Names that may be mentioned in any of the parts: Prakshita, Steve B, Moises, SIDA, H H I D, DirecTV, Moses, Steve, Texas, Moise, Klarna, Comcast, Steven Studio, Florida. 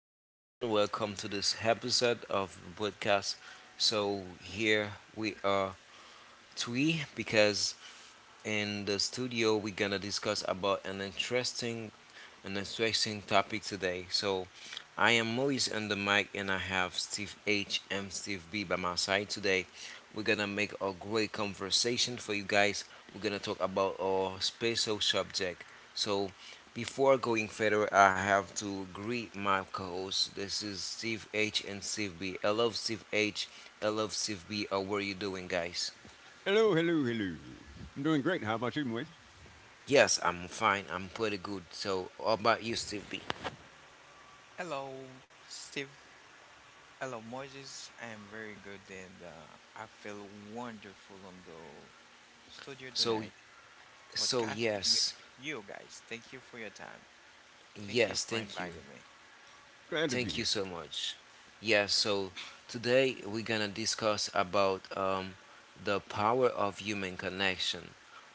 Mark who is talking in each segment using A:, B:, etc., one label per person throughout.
A: everyone. Welcome to this episode of the podcast. So, here we are three because in the studio we're gonna discuss about an interesting topic today. So, I am Maurice on the mic, and I have Steve H and Steve B by my side today. We're gonna make a great conversation for you guys. We're gonna talk about our special subject. So, before going further, I have to greet my co hosts. This is Steve H and Steve B. I love Steve H. I love Steve B. How are you doing, guys?
B: Hello, hello, hello. I'm doing great. How about you, Moise?
A: Yes, I'm fine. I'm pretty good. So, how about you, Steve B?
C: Hello, Steve. Hello, Moses. I am very good and I feel wonderful on the studio
A: So,
C: tonight,
A: so
C: podcasting with
A: yes.
C: you guys. Thank you for your time. Thank you
A: Yes,
C: for
A: thank you.
C: inviting me.
B: Glad to be
A: Thank you
B: here.
A: so much. Yeah, so today we're gonna discuss about the power of human connection,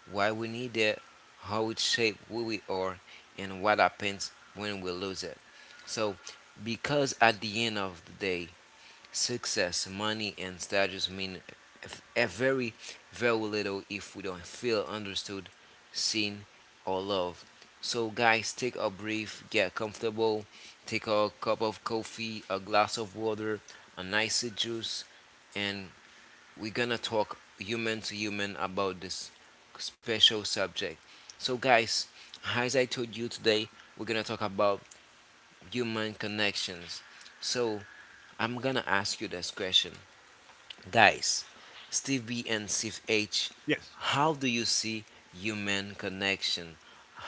A: why we need it, how it shapes who we are, and what happens when we lose it. So, because at the end of the day, success, money, and status mean very, very little if we don't feel understood, seen, or loved. So, guys, take a brief, get comfortable, take a cup of coffee, a glass of water, a nice juice, and we're gonna talk human to human about this special subject. So, guys, as I told you today, we're gonna talk about human connections. So, I'm gonna ask you this question. Guys, Steve B and Steve H,
B: Yes.
A: how do you see human connection?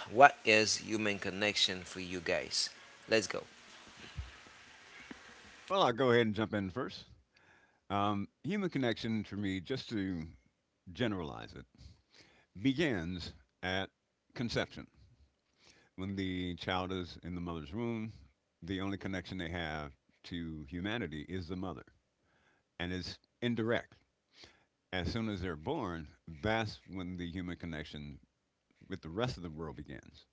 A: What is human connection for you guys? Let's go.
B: Well, I'll go ahead and jump in first. Human connection, for me, just to generalize it, begins at conception. When the child is in the mother's womb, the only connection they have to humanity is the mother, and it's indirect. As soon as they're born, that's when the human connection with the rest of the world begins.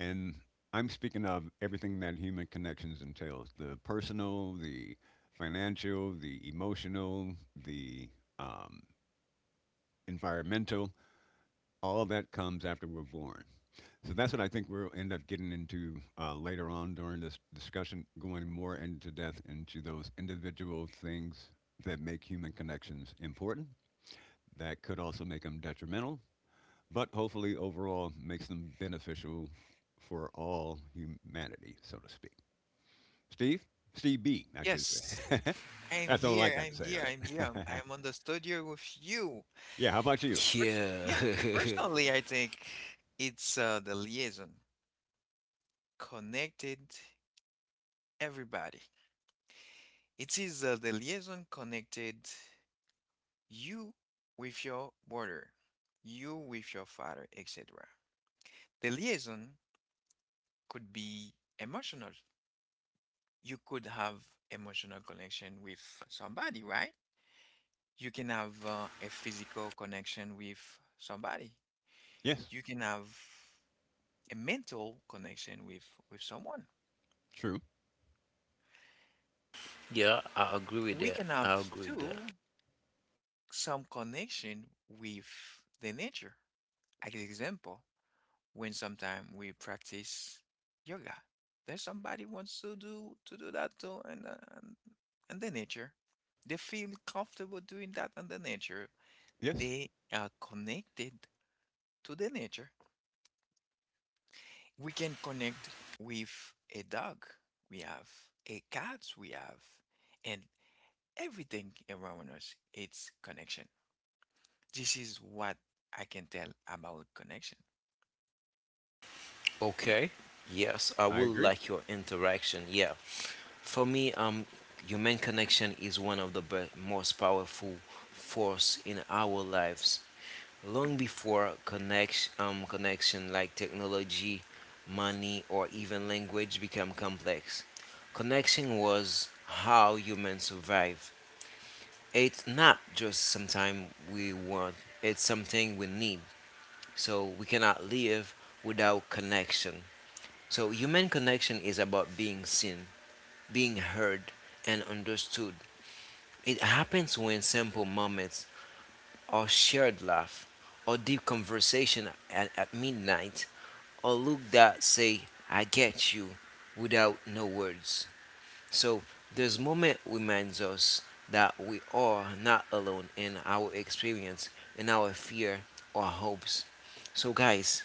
B: And I'm speaking of everything that human connections entails: the personal, the financial, the emotional, the um, environmental. All that comes after we're born. So that's what I think we'll end up getting into later on during this discussion, going more into depth into those individual things that make human connections important. That could also make them detrimental, but hopefully overall makes them beneficial for all humanity, so to speak. Steve? Steve B, I should
C: Yes,
B: say.
C: I am
B: That's all I
C: here.
B: got to
C: I'm
B: say
C: here.
B: on
C: I'm here. I'm,
B: it.
C: I'm on the studio with you.
B: Yeah, how about you?
C: Pers-
A: Yeah.
C: yeah, personally, I think it's the liaison connected everybody. It is the liaison connected you with your brother, you with your father, etc. The liaison could be emotional. You could have emotional connection with somebody, right? You can have a physical connection with somebody.
B: Yes,
C: You can have a mental connection with someone.
B: true.
A: Yeah, I agree with
C: We
A: that.
C: can
A: I
C: have
A: agree with that.
C: too some connection with the nature. As an example, when sometime we practice yoga. There's somebody wants to do that too, and and the nature, they feel comfortable doing that and the nature.
B: Yes,
C: They are connected to the nature. We can connect with a dog. We have a cat. We have, and everything around us. It's connection. This is what I can tell about connection.
A: Okay. Yes, I
B: I
A: will
B: agree.
A: like your interaction. Yeah. For me, human connection is one of the most powerful force in our lives. Long before connection, connection like technology, money, or even language become complex. Connection was how humans survive. It's not just something we want, it's something we need. So we cannot live without connection. So human connection is about being seen, being heard, and understood. It happens when simple moments or shared laugh or deep conversation at midnight or look that say I get you without no words. So this moment reminds us that we are not alone in our experience, in our fear or hopes. So, guys,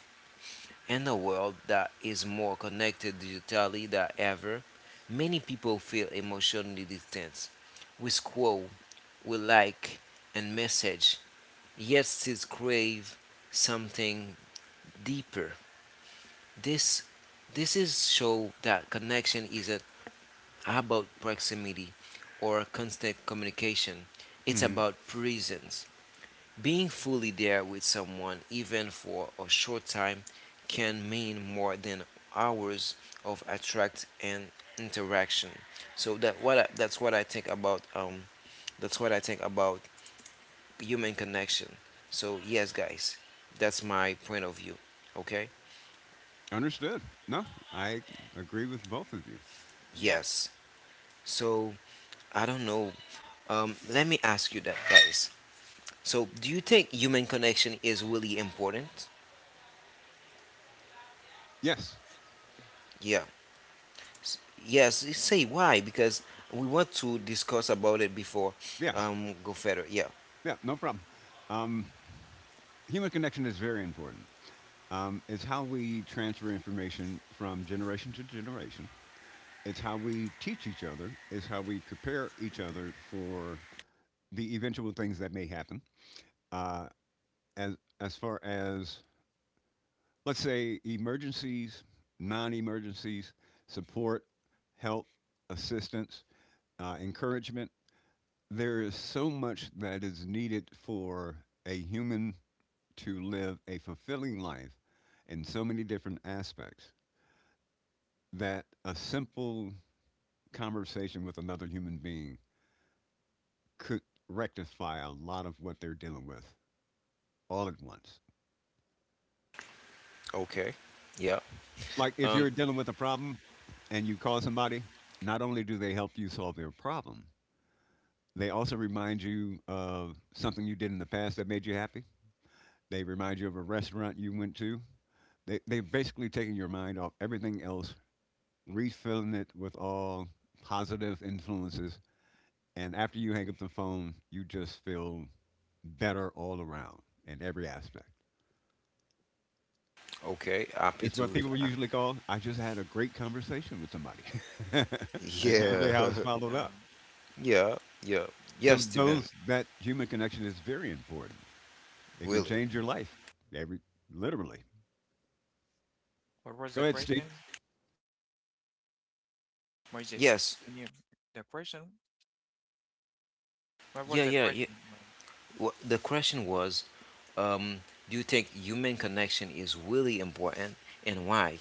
A: in a world that is more connected digitally than ever, many people feel emotionally distant. We scroll, we like and message, yet still crave something deeper. This this is show that connection isn't about proximity or constant communication. It's
B: Hmm.
A: about presence. Being fully there with someone even for a short time can mean more than hours of attract and interaction. So that's what I think about human connection. So, yes, guys, that's my point of view. Okay?
B: Understood. No, I agree with both of you.
C: Yeah,
A: Yes. So I don't know. Let me ask you that, guys. So, do you think human connection is really important?
B: Yes,
A: Yeah. S- Yes. Say why? Because we want to discuss about it before.
B: yes,
A: Go further. Yeah.
B: yeah, no problem. Um, Human connection is very important. It's how we transfer information from generation to generation. It's how we teach each other. It's how we prepare each other for the eventual things that may happen. Uh, as far as, let's say, emergencies, non-emergencies, support, help, assistance, encouragement. There is so much that is needed for a human to live a fulfilling life in so many different aspects that a simple conversation with another human being could rectify a lot of what they're dealing with all at once.
A: Okay. Yeah.
B: Like if
A: Um.
B: you're dealing with a problem and you call somebody, not only do they help you solve their problem, they also remind you of something you did in the past that made you happy. They remind you of a restaurant you went to. They're basically taking your mind off everything else, refilling it with all positive influences. And after you hang up the phone, you just feel better all around in every aspect.
A: Okay. Happy
B: It's what
A: to.
B: people usually call, I just had a great conversation with somebody. That's
C: yeah,
B: usually
A: Yeah.
B: how it's followed
C: yeah.
B: up.
A: Yeah. Yeah.
B: So
A: Yes, Stephen.
B: those, that human connection is very important. It can
A: Really.
B: change your life. Every literally.
C: What was
B: Go
C: the
B: ahead, Steve.
C: question? Moises,
A: Yes.
C: can you the question? What
A: Yeah.
C: was the
A: Yeah. Yeah.
C: question, right?
A: The question was, um, do you think human connection is really important and why?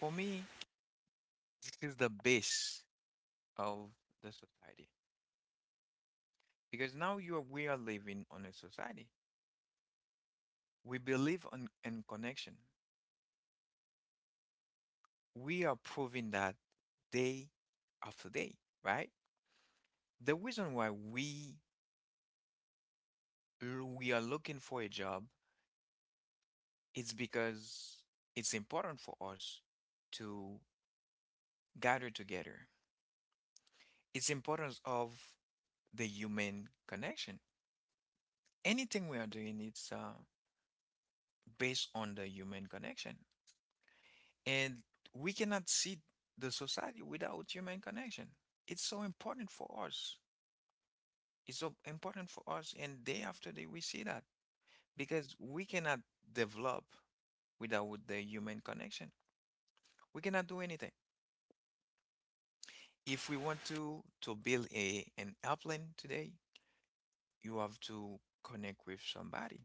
C: For me, this is the base of the society because now you are, we are living on a society. We believe on in connection. We are proving that day after day, right? The reason why we are looking for a job is because it's important for us to gather together. It's importance of the human connection. Anything we are doing, it's based on the human connection, and we cannot see the society without human connection. It's so important for us. It's so important for us, and day after day we see that, because we cannot develop without the human connection. We cannot do anything. If we want to build a an airplane today, you have to connect with somebody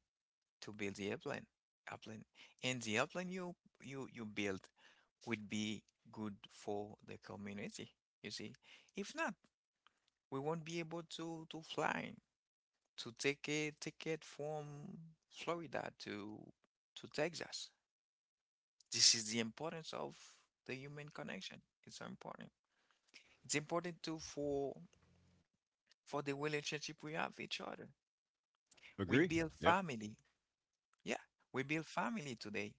C: to build the airplane airplane and the airplane you you build would be good for the community. You see, if not, we won't be able to fly to take a ticket from Florida to Texas. This is the importance of the human connection. It's so important. It's important too for the relationship we have with each other. We
B: Agree?
C: build
B: Yeah.
C: family. Yeah, we build family today.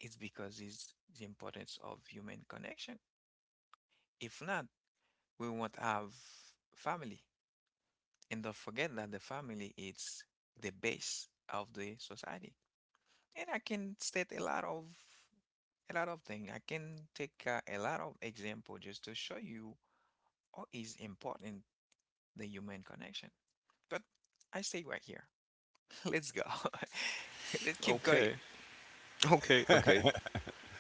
C: It's because it's the importance of human connection. If not, we won't have family. And don't forget that the family is the base of the society. And I can state a lot of, things. I can take a lot of example just to show you what is important the human connection. But I stay right here. Let's go. Let's keep going.
A: Okay. Okay. Okay.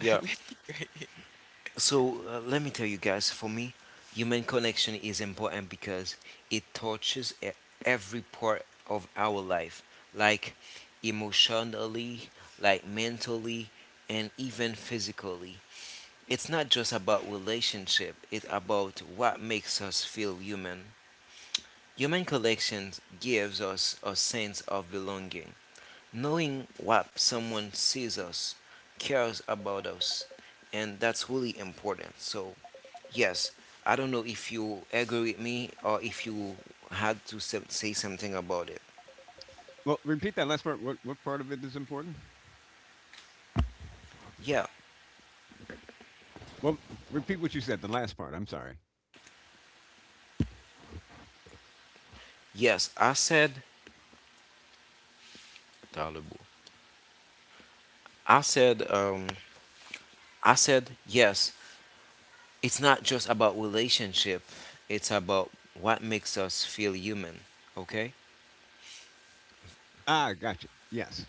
C: Let's keep going.
A: So let me tell you guys, for me, human connection is important because it touches every part of our life, like emotionally, like mentally, and even physically. It's not just about relationship, it's about what makes us feel human. Human connections gives us a sense of belonging, knowing what someone sees us, cares about us, and that's really important. So, yes, I don't know if you agree with me or if you had to say something about it.
B: Well, repeat that last part. What part of it is important?
A: Yeah,
B: Well, repeat what you said. The last part. I'm sorry.
A: yes, I said Talibu. I said I said yes. It's not just about relationship. It's about what makes us feel human, okay?
B: Ah, gotcha. Yes.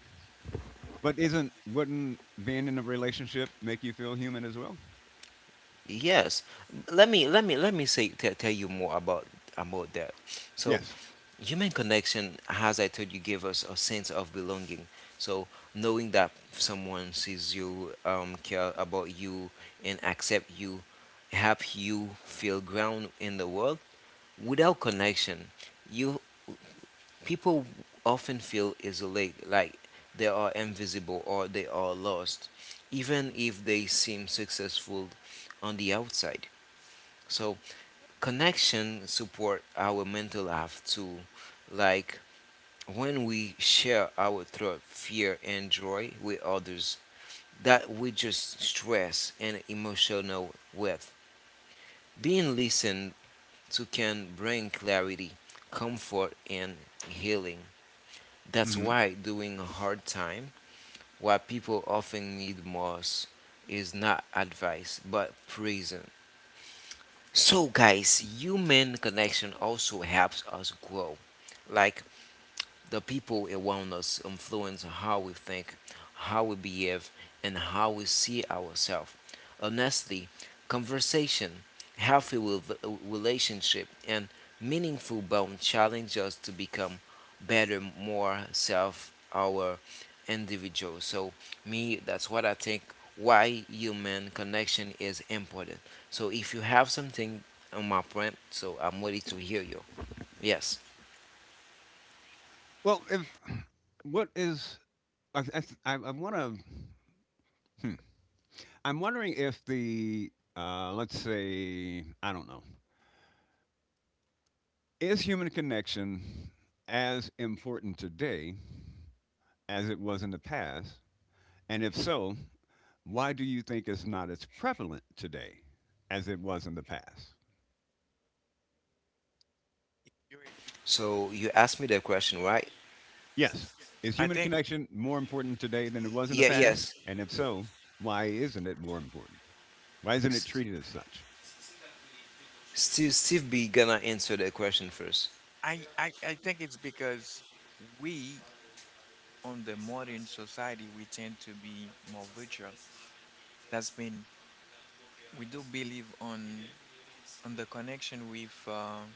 B: But isn't, wouldn't being in a relationship make you feel human as well?
A: Yes. Let me tell you more about that. So,
B: Yes.
A: human connection has, I told you, give us a sense of belonging. So knowing that someone sees you, care about you, and accept you, help you feel ground in the world. Without connection, you people often feel isolated, like they are invisible or they are lost, even if they seem successful on the outside. So connection support our mental health too, like when we share our thought, fear, and joy with others, that we just stress and emotional wealth. Being listened to can bring clarity, comfort, and healing. That's
B: Hmm.
A: why during a hard time, what people often need most is not advice but presence. So, guys, human connection also helps us grow. Like, the people around us influence how we think, how we behave, and how we see ourselves. Honestly, conversation, healthy relationship, and meaningful bond challenge us to become better, more self, our individual. So, me, that's what I think why human connection is important. So, if you have something on my point, so I'm ready to hear you. Yes.
B: Well, if what is I want to. Hmm, I'm wondering if the let's say, I don't know, is human connection as important today as it was in the past, and if so, why do you think it's not as prevalent today as it was in the past?
C: If you agree?
A: So, you asked me the question, right?
B: Yes. Is
C: I
B: human
C: think
B: connection more important today than it was in the
A: Yeah,
B: past?
A: yes.
B: And if so, why isn't it more important? Why isn't it
A: S-
B: treated as such?
A: Steve, Steve be gonna answer the question first.
C: I think it's because we, on the modern society, we tend to be more virtual. That's mean. We do believe on the connection with uh,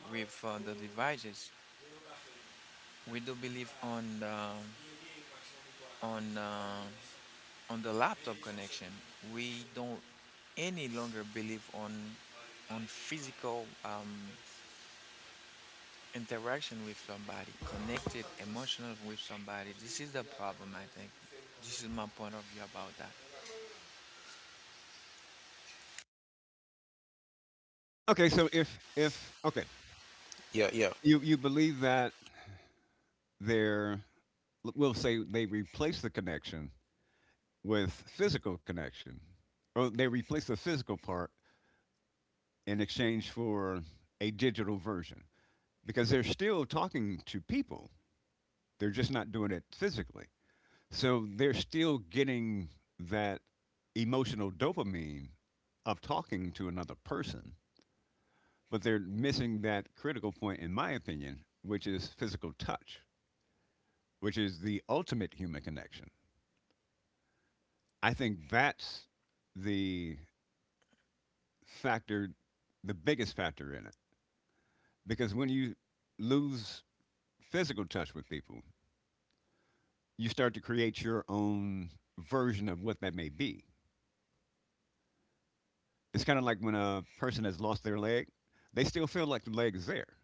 C: with uh, the devices. We do believe on on the laptop connection. We don't any longer believe on physical interaction with somebody, connected emotional with somebody. This is the problem, I think. This is my point of view about that.
B: Okay, so if okay,
A: Yeah, yeah,
B: you believe that they're, we'll say, they replace the connection with physical connection, or they replace the physical part in exchange for a digital version, because they're still talking to people. They're just not doing it physically. So they're still getting that emotional dopamine of talking to another person, but they're missing that critical point, in my opinion, which is physical touch, which is the ultimate human connection. I think that's the factor, the biggest factor in it. Because when you lose physical touch with people, you start to create your own version of what that may be. It's kind of like when a person has lost their leg, they still feel like the leg is there.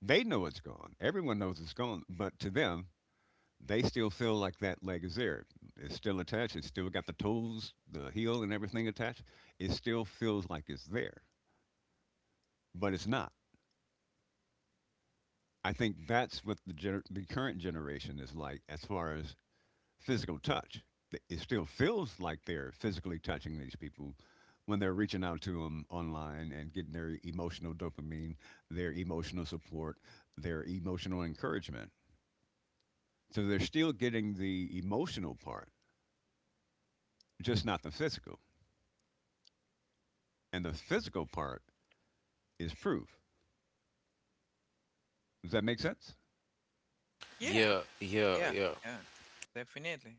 B: They know it's gone. Everyone knows it's gone, but to them, they still feel like that leg is there. It's still attached. It's still got the toes, the heel, and everything attached. It still feels like it's there, but it's not. I think that's what the current generation is like as far as physical touch. It still feels like they're physically touching these people when they're reaching out to them online and getting their emotional dopamine, their emotional support, their emotional encouragement. So they're still getting the emotional part, just not the physical. And the physical part is proof. Does that make sense?
C: Yeah,
A: yeah, yeah,
C: yeah,
A: yeah.
C: yeah, definitely,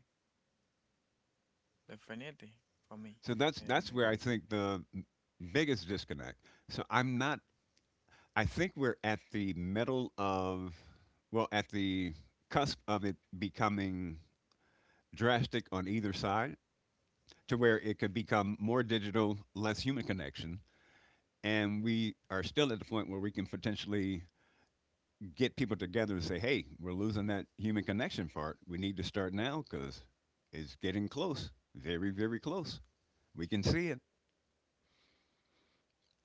C: definitely for me.
B: So that's
C: And
B: that's where I think the biggest disconnect. So I'm not, I think we're at the middle of, well, at the cusp of it becoming drastic on either side, to where it could become more digital, less human connection. And we are still at the point where we can potentially get people together and say, hey, we're losing that human connection part. We need to start now because it's getting close, very, very close. We can see it.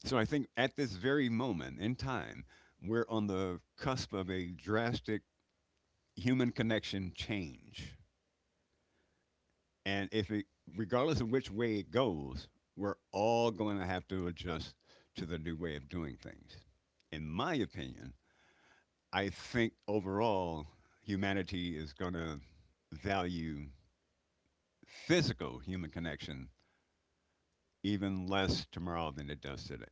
B: So I think at this very moment in time, we're on the cusp of a drastic human connection change. And if it, regardless of which way it goes, we're all going to have to adjust to the new way of doing things. In my opinion, I think overall humanity is going to value physical human connection even less tomorrow than it does today.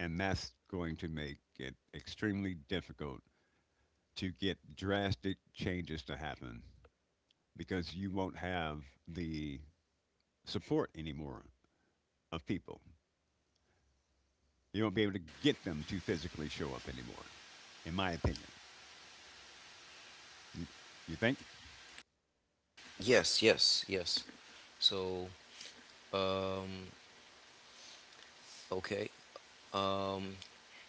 B: And that's going to make it extremely difficult to get drastic changes to happen because you won't have the support anymore of people. You won't be able to get them to physically show up anymore, in my opinion. You, you think?
A: Yes, yes, yes. So, um, okay, um,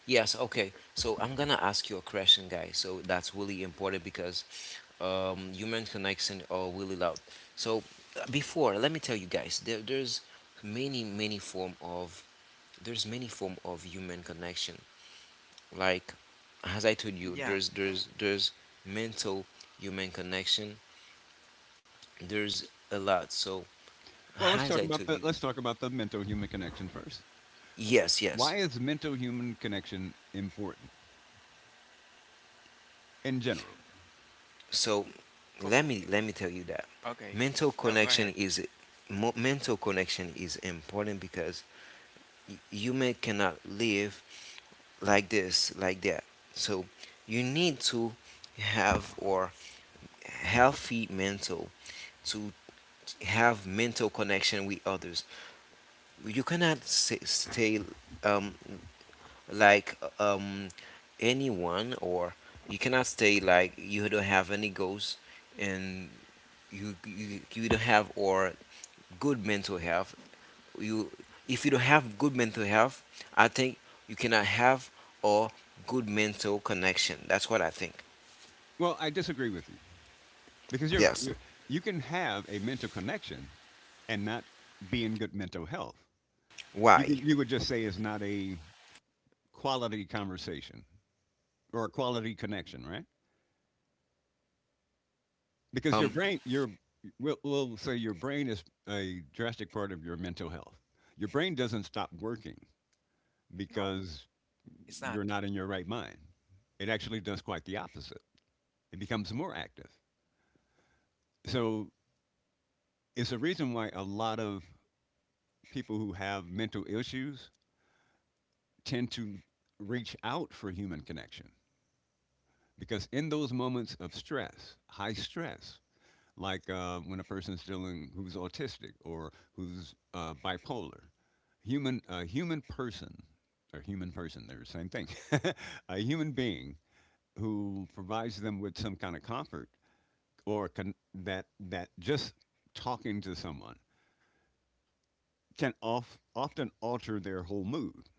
A: yes, okay. So I'm gonna ask you a question, guys. So that's really important because human connection are really loud. So before, let me tell you guys, there's many, many form of human connection. Like, as I told you,
C: yeah,
A: there's mental human connection. There's a lot. So
B: Well, let's
A: as
B: talk
A: I
B: about
A: told
B: the,
A: you,
B: let's talk about the mental human connection first.
A: yes, yes.
B: Why is mental human connection important in general?
A: So
C: for,
A: let me tell you that
C: okay.
A: mental
C: No, go
A: connection
C: ahead.
A: is important because human cannot live like this like that. So you need to have or healthy mental to have mental connection with others. You cannot stay um, like anyone, or you cannot stay like you don't have any goals, and you don't have or good mental health. You If you don't have good mental health, I think you cannot have or good mental connection. That's what I think.
B: Well, I disagree with you because you're,
A: Yes.
B: you're you can have a mental connection and not be in good mental health. You
A: Why?
B: could, you would just say it's not a quality conversation or a quality connection, right? Because your
A: um
B: brain, your, we'll say your brain is a drastic part of your mental health. Your brain doesn't stop working
C: No,
B: because
C: it's
B: you're
C: not.
B: not in your right mind. It actually does quite the opposite. It becomes more active. So it's a reason why a lot of people who have mental issues tend to reach out for human connection, because in those moments of stress, high stress, like when a person's dealing, who's autistic or who's bipolar. Human, a human person, or human person, they're the same thing. A human being who provides them with some kind of comfort, that that just talking to someone can often alter their whole mood,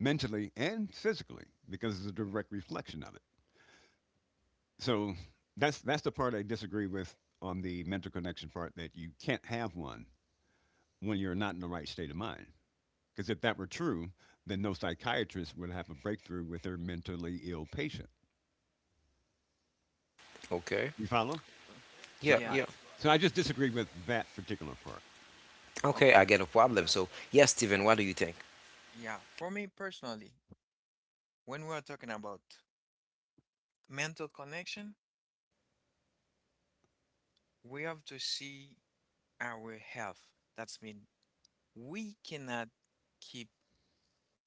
B: mentally and physically, because it's a direct reflection of it. So that's the part I disagree with on the mental connection part, that you can't have one when you're not in the right state of mind. Because if that were true, then no psychiatrist would have a breakthrough with their mentally ill patient.
A: okay.
B: You follow?
C: Uh,
B: So
A: Yeah,
B: I,
C: Yeah.
A: yeah.
B: so I just disagree with that particular part.
A: Okay,
C: Okay.
A: I get a problem. So, yes, Steven, what do you think?
C: Yeah. For me personally, when we are talking about mental connection, we have to see our health. That's mean we cannot keep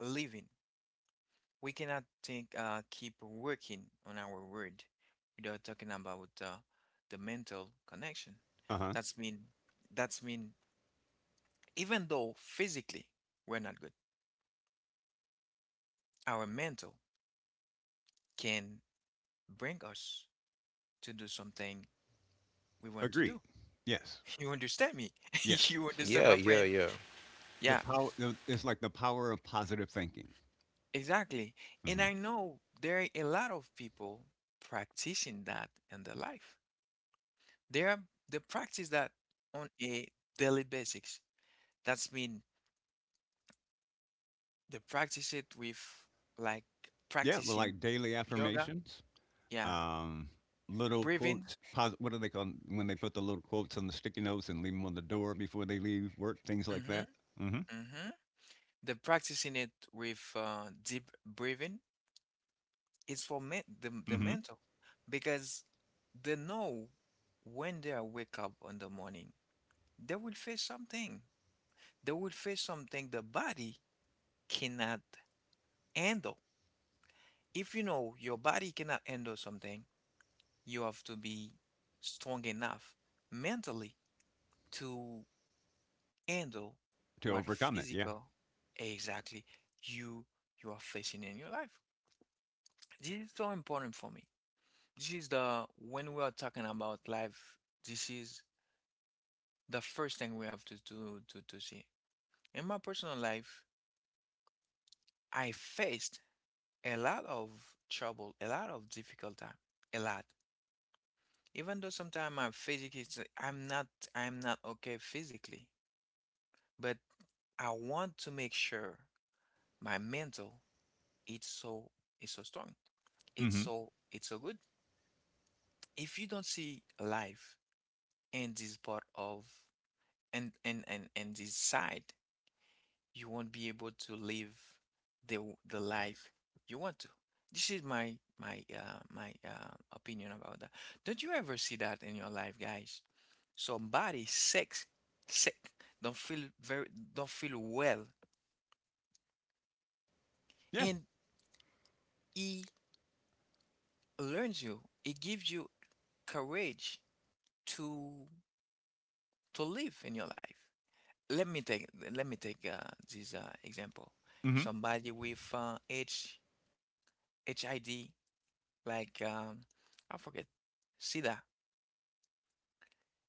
C: living. We cannot think, keep working on our word without talking about the mental connection.
B: Uh huh.
C: That's mean. That's mean. Even though physically we're not good, our mental can bring us to do something we want to
B: Agreed.
C: do.
B: Yes.
C: You understand me?
B: Yeah.
C: You understand
A: Yeah,
C: my
A: yeah,
C: point?
A: yeah.
B: The
C: Yeah,
B: power. It's like the power of positive thinking.
C: exactly. And
B: Hmm.
C: I know there are a lot of people practicing that in their life. They are they practice that on a daily basis. That's mean they practice it with, like,
B: Yeah. Well,
C: practicing
B: like daily
C: yoga.
B: affirmations.
C: Yeah,
B: Um, Little
C: breathing.
B: quotes. What do they call 'em? When they put the little quotes on the sticky notes and leave them on the door before they leave work? Things like
C: Mm-hmm.
B: that. Hmm.
C: Mm-hmm. They're practicing it with deep breathing. It's for men, the
B: Hmm.
C: mental because they know when they are wake up in the morning, they will face something. They will face something the body cannot handle. If you know your body cannot handle something, you have to be strong enough mentally to handle
B: To
C: what
B: overcome it. Yeah.
C: physical exactly you are facing in your life. This is so important for me. This is the, when we are talking about life, this is the first thing we have to do to, see. In my personal life, I faced a lot of trouble, a lot of difficult time, a lot. Even though sometimes I'm physically, I'm not, I'm not okay physically, but I want to make sure my mental, it's so, it's so strong,
B: Hmm.
C: it's so good. If you don't see life in this part of, and this side, you won't be able to live the life you want to. This is my opinion about that. Don't you ever see that in your life, guys? Somebody sick, sick, don't feel very, don't feel well,
B: Yeah.
C: and he learns you. It gives you courage to live in your life. Let me take let me take this example.
B: Hmm.
C: Somebody with HHID, like I forget, SIDA,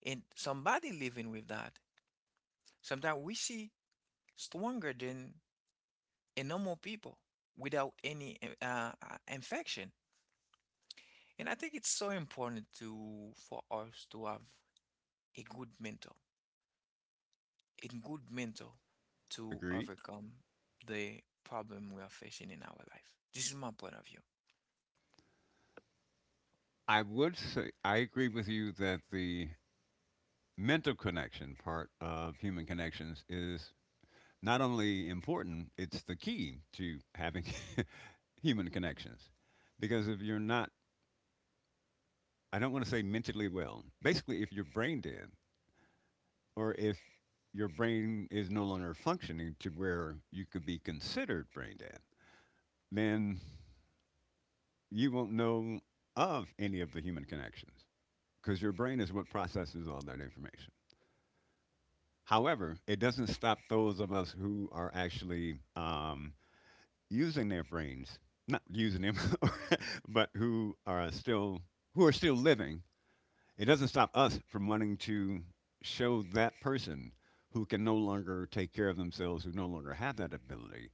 C: and somebody living with that. Sometimes we see stronger than a normal people without any infection. And I think it's so important to for us to have a good mentor, a good mentor to
B: Agreed.
C: overcome the problem we are facing in our life. This is my point of view.
B: I would say I agree with you that the mental connection part of human connections is not only important, it's the key to having human connections. Because if you're not, I don't want to say mentally well, basically, if you're brain dead, or if your brain is no longer functioning to where you could be considered brain dead, then you won't know of any of the human connections because your brain is what processes all that information. However, it doesn't stop those of us who are actually using their brains, not using them, but who are still, who are still living. It doesn't stop us from wanting to show that person who can no longer take care of themselves, who no longer have that ability.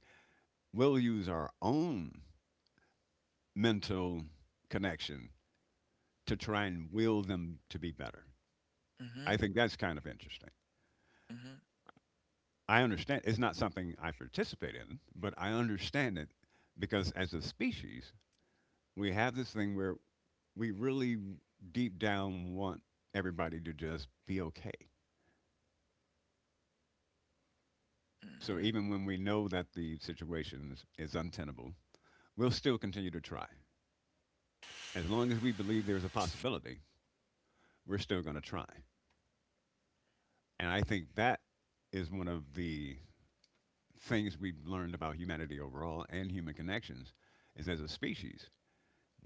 B: We'll use our own mental connection to try and will them to be better.
C: Mm-hmm,
B: I think that's kind of interesting.
C: mm-hmm,
B: I understand it's not something I participate in, but I understand it because as a species, we have this thing where we really deep down want everybody to just be okay. So
C: mm-hmm,
B: even when we know that the situation is untenable, we'll still continue to try. As long as we believe there's a possibility, we're still going to try. And I think that is one of the things we've learned about humanity overall and human connections is, as a species,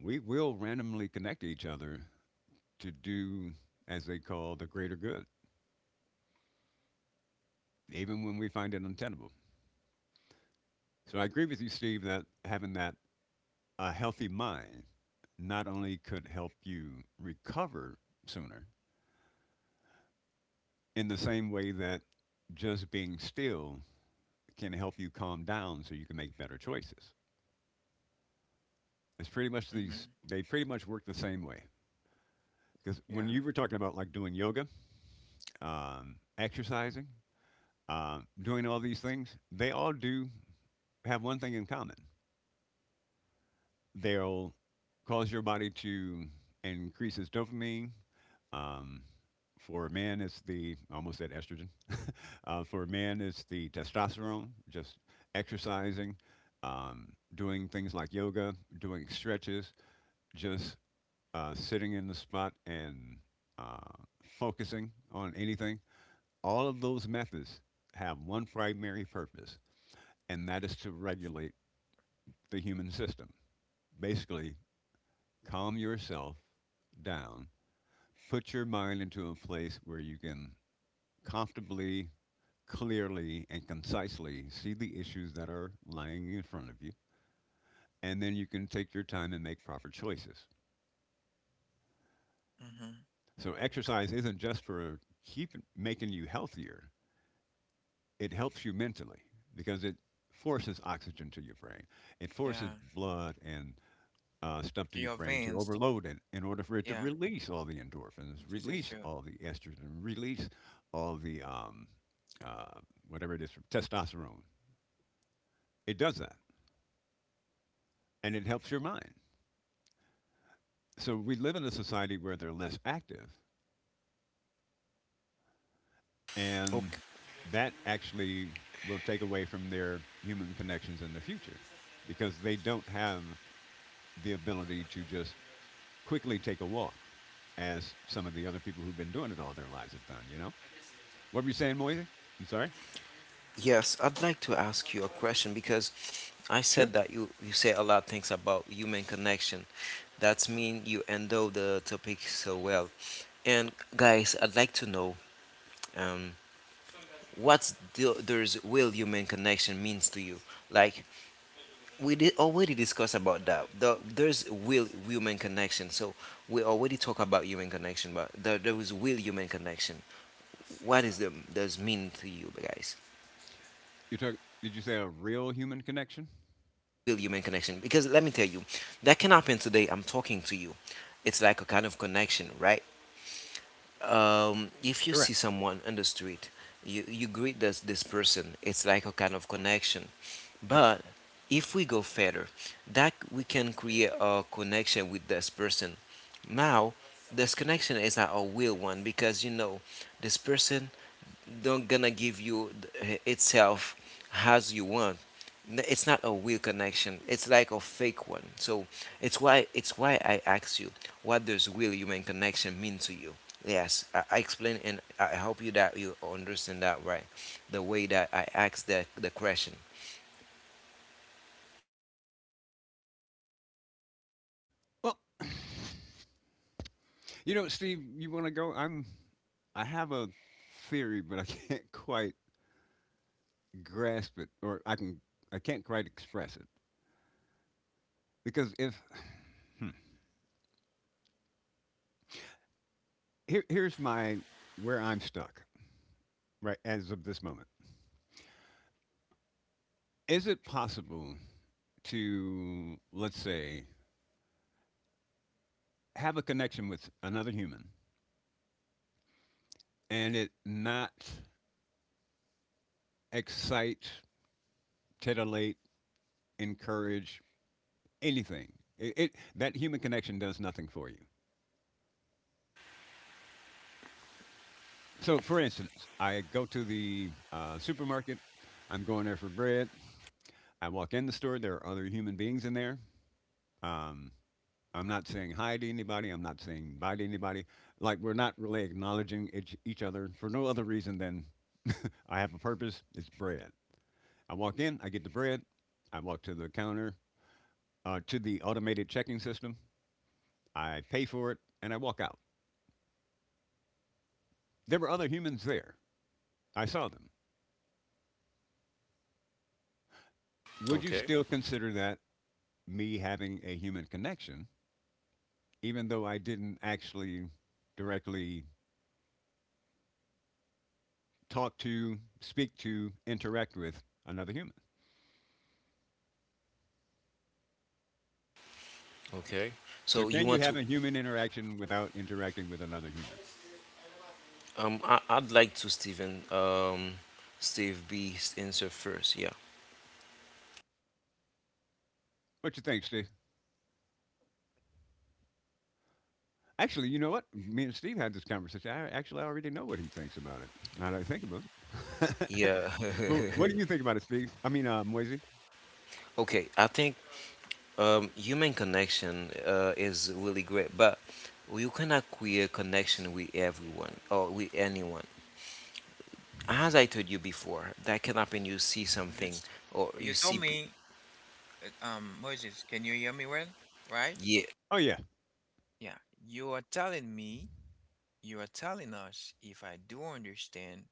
B: we will randomly connect to each other to do, as they call, the greater good, even when we find it untenable. So I agree with you, Steve, that having that a healthy mind not only could help you recover sooner, in the same way that just being still can help you calm down so you can make better choices. It's pretty much
C: mm-hmm.
B: these, they pretty much work the same way. Because
C: Yeah,
B: when you were talking about like doing yoga, exercising, doing all these things, they all do have one thing in common they'll cause your body to increase its dopamine. Um, for a man, it's the I almost said estrogen. For a man, it's the testosterone. Just exercising, doing things like yoga, doing stretches, just sitting in the spot and uh, focusing on anything. All of those methods have one primary purpose, and that is to regulate the human system. Basically, calm yourself down. Put your mind into a place where you can comfortably, clearly, and concisely see the issues that are lying in front of you, and then you can take your time and make proper choices.
C: mm-hmm.
B: So, exercise isn't just for keep making you healthier, it helps you mentally because it forces oxygen to your brain, it forces
C: Yeah,
B: blood and stuff to
C: to
B: your
C: your
B: brain to
C: veins.
B: overload it in order for it to
C: Yeah,
B: release all the endorphins,
C: this is
B: release
C: true.
B: all the estrogen, release all the uh, whatever it is, testosterone. It does that, and it helps your mind. So we live in a society where they're less active, and that actually will take away from their human connections in the future because they don't have the ability to just quickly take a walk as some of the other people who've been doing it all their lives have done, you know? What were you saying, Moisey? I'm sorry.
A: Yes, I'd like to ask you a question because I
B: Sure.
A: said that you say a lot of things about human connection. That's mean you endow the topic so well. And, guys, I'd like to know, um, there's real human connection means to you. Like, we did already discuss about that. There's real human connection. So we already talk about human connection, but there is real human connection. What is the does mean to you guys?
B: You talk. Did you say a real human connection?
A: Real human connection. Because let me tell you, that can happen today. I'm talking to you. It's like a kind of connection, right? If you see
B: Correct.
A: someone on the street, you greet this person. It's like a kind of connection. But if we go further, that we can create a connection with this person. Now, this connection is not a real one because you know this person don't gonna give you itself as you want. It's not a real connection, it's like a fake one. So it's why I ask you: what does real human connection mean to you? Yes, I explain, and I hope you that you understand that, right? The way that I asked the question.
B: Well, you know, Steve, you want to go? I'm. I have a theory, but I can't quite grasp it, or I can. I can't quite express it because if hmm, here's my where I'm stuck right as of this moment. Is it possible to, let's say, have a connection with another human and it not excite, titillate, encourage, anything. It that human connection does nothing for you. So, for instance, I go to the supermarket. I'm going there for bread. I walk in the store. There are other human beings in there. Um, I'm not saying hi to anybody. I'm not saying bye to anybody. Like we're not really acknowledging each other for no other reason than I have a purpose. It's bread. I walk in. I get the bread. I walk to the counter, to the automated checking system. I pay for it, and I walk out. There were other humans there. I saw them. Would you still consider that me having a human connection, even though I didn't actually directly talk to, speak to, interact with another human?
A: Okay.
B: So,
A: So you
B: can
A: want
B: you have
A: to
B: a human interaction without interacting with another human?
A: I'd like to... Stephen, Steve B answer first. Yeah.
B: What you think, Steve? Actually, you know
C: So,
B: what? Me and Steve had this conversation. I actually already know what he thinks about it. Now that I think about it.
A: Yeah.
B: But what do you think about it, Steve? I mean, Moisey?
A: Okay, I think human connection is really great, but you cannot create connection with everyone or with anyone. As I told you before, that can happen. You see something,
C: just,
A: or you
C: you told
A: see,
C: me, Moses, can you hear me well? Right?
A: yeah,
B: Oh yeah.
C: Yeah. You are telling me, you are telling us, if I do understand,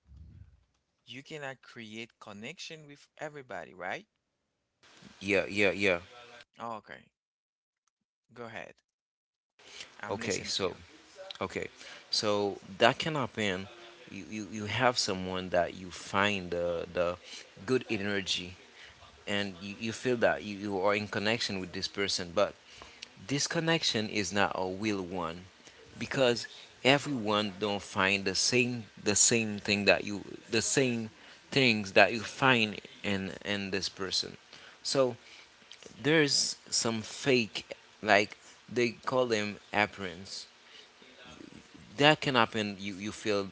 C: you cannot create connection with everybody, right?
A: yeah, yeah, yeah.
C: Oh, okay. Go ahead. I'm
A: Okay,
C: listening to you.
A: so okay, so that can happen. You have someone that you find the good energy, and you feel that you are in connection with this person, but this connection is not a real one. Because everyone don't find the same thing that you the same things that you find in this person. So there's some fake, like they call them appearance, that can happen. You feel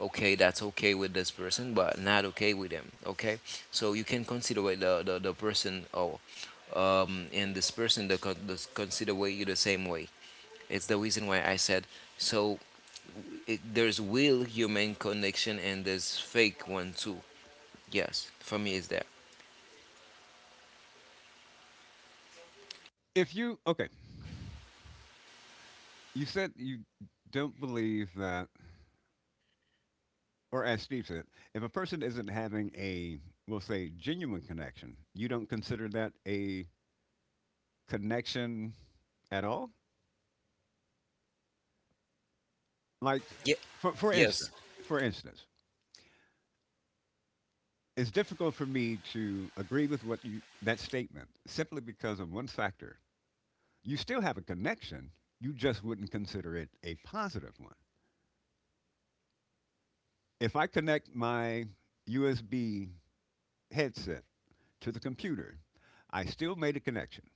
A: okay, that's okay with this person, but not okay with them, okay. So you can consider the person or and this person the, consider way you the same way. It's the reason why I said, so there's real human connection, and there's fake one too. Yes, for me it's that.
B: If you okay, you said you don't believe that or as Steve said, if a person isn't having a, we'll say, genuine connection, you don't consider that a connection at all? Like,
A: Yeah.
B: for, for
A: Yes.
B: instance, for instance, it's difficult for me to agree with what you that statement simply because of one factor. You still have a connection, you just wouldn't consider it a positive one. If I connect my USB headset to the computer, I still made a connection.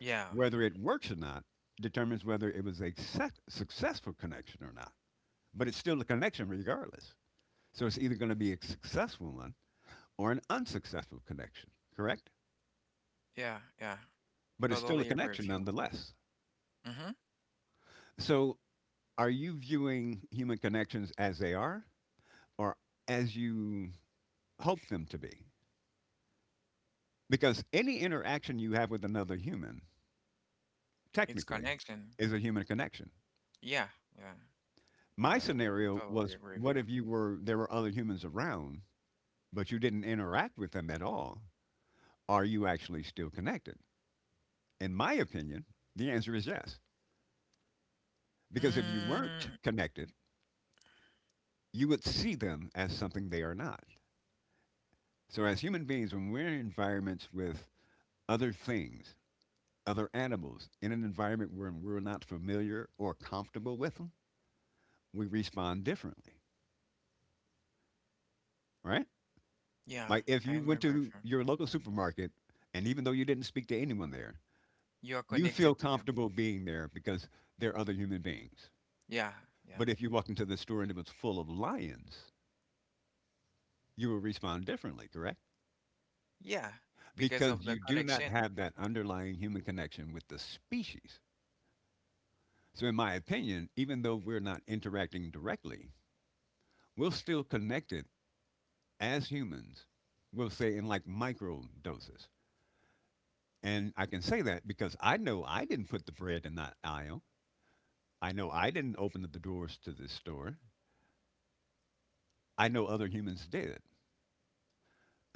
C: Yeah,
B: Whether it works or not determines whether it was a successful connection or not. But it's still a connection regardless. So it's either going to be a successful one or an unsuccessful connection, correct?
C: yeah, yeah.
B: But it's still a
C: Totally agree
B: connection
C: with you.
B: nonetheless.
C: Mm-hmm.
B: So are you viewing human connections as they are or as you hope them to be? Because any interaction you have with another human,
C: It's
B: technically,
C: connection.
B: is a human connection.
C: Yeah, yeah,
B: My
C: yeah.
B: scenario
C: Totally
B: was
C: agree with
B: what
C: you.
B: if you were there were other humans around but you didn't interact with them at all, are you actually still connected? In my opinion, the answer is yes. Because if you weren't
C: Mm.
B: connected, you would see them as something they are not. So, as human beings, when we're in environments with other things, other animals, in an environment where we're not familiar or comfortable with them, we respond differently, right?
C: Yeah,
B: Like if
C: I
B: you went
C: remember
B: to
C: from.
B: your local supermarket and even though you didn't speak to anyone there,
C: You are
B: you feel
C: connected to them.
B: comfortable being there because they're other human beings.
C: Yeah, yeah,
B: But if you walked into the store and it was full of lions, you would respond differently, correct?
C: yeah. Because of
B: Because
C: the
B: you do not
C: connection.
B: have that underlying human connection with the species. So, in my opinion, even though we're not interacting directly, we're still connected as humans, we'll say in like micro doses. And I can say that because I know I didn't put the bread in that aisle. I know I didn't open the doors to this store. I know other humans did.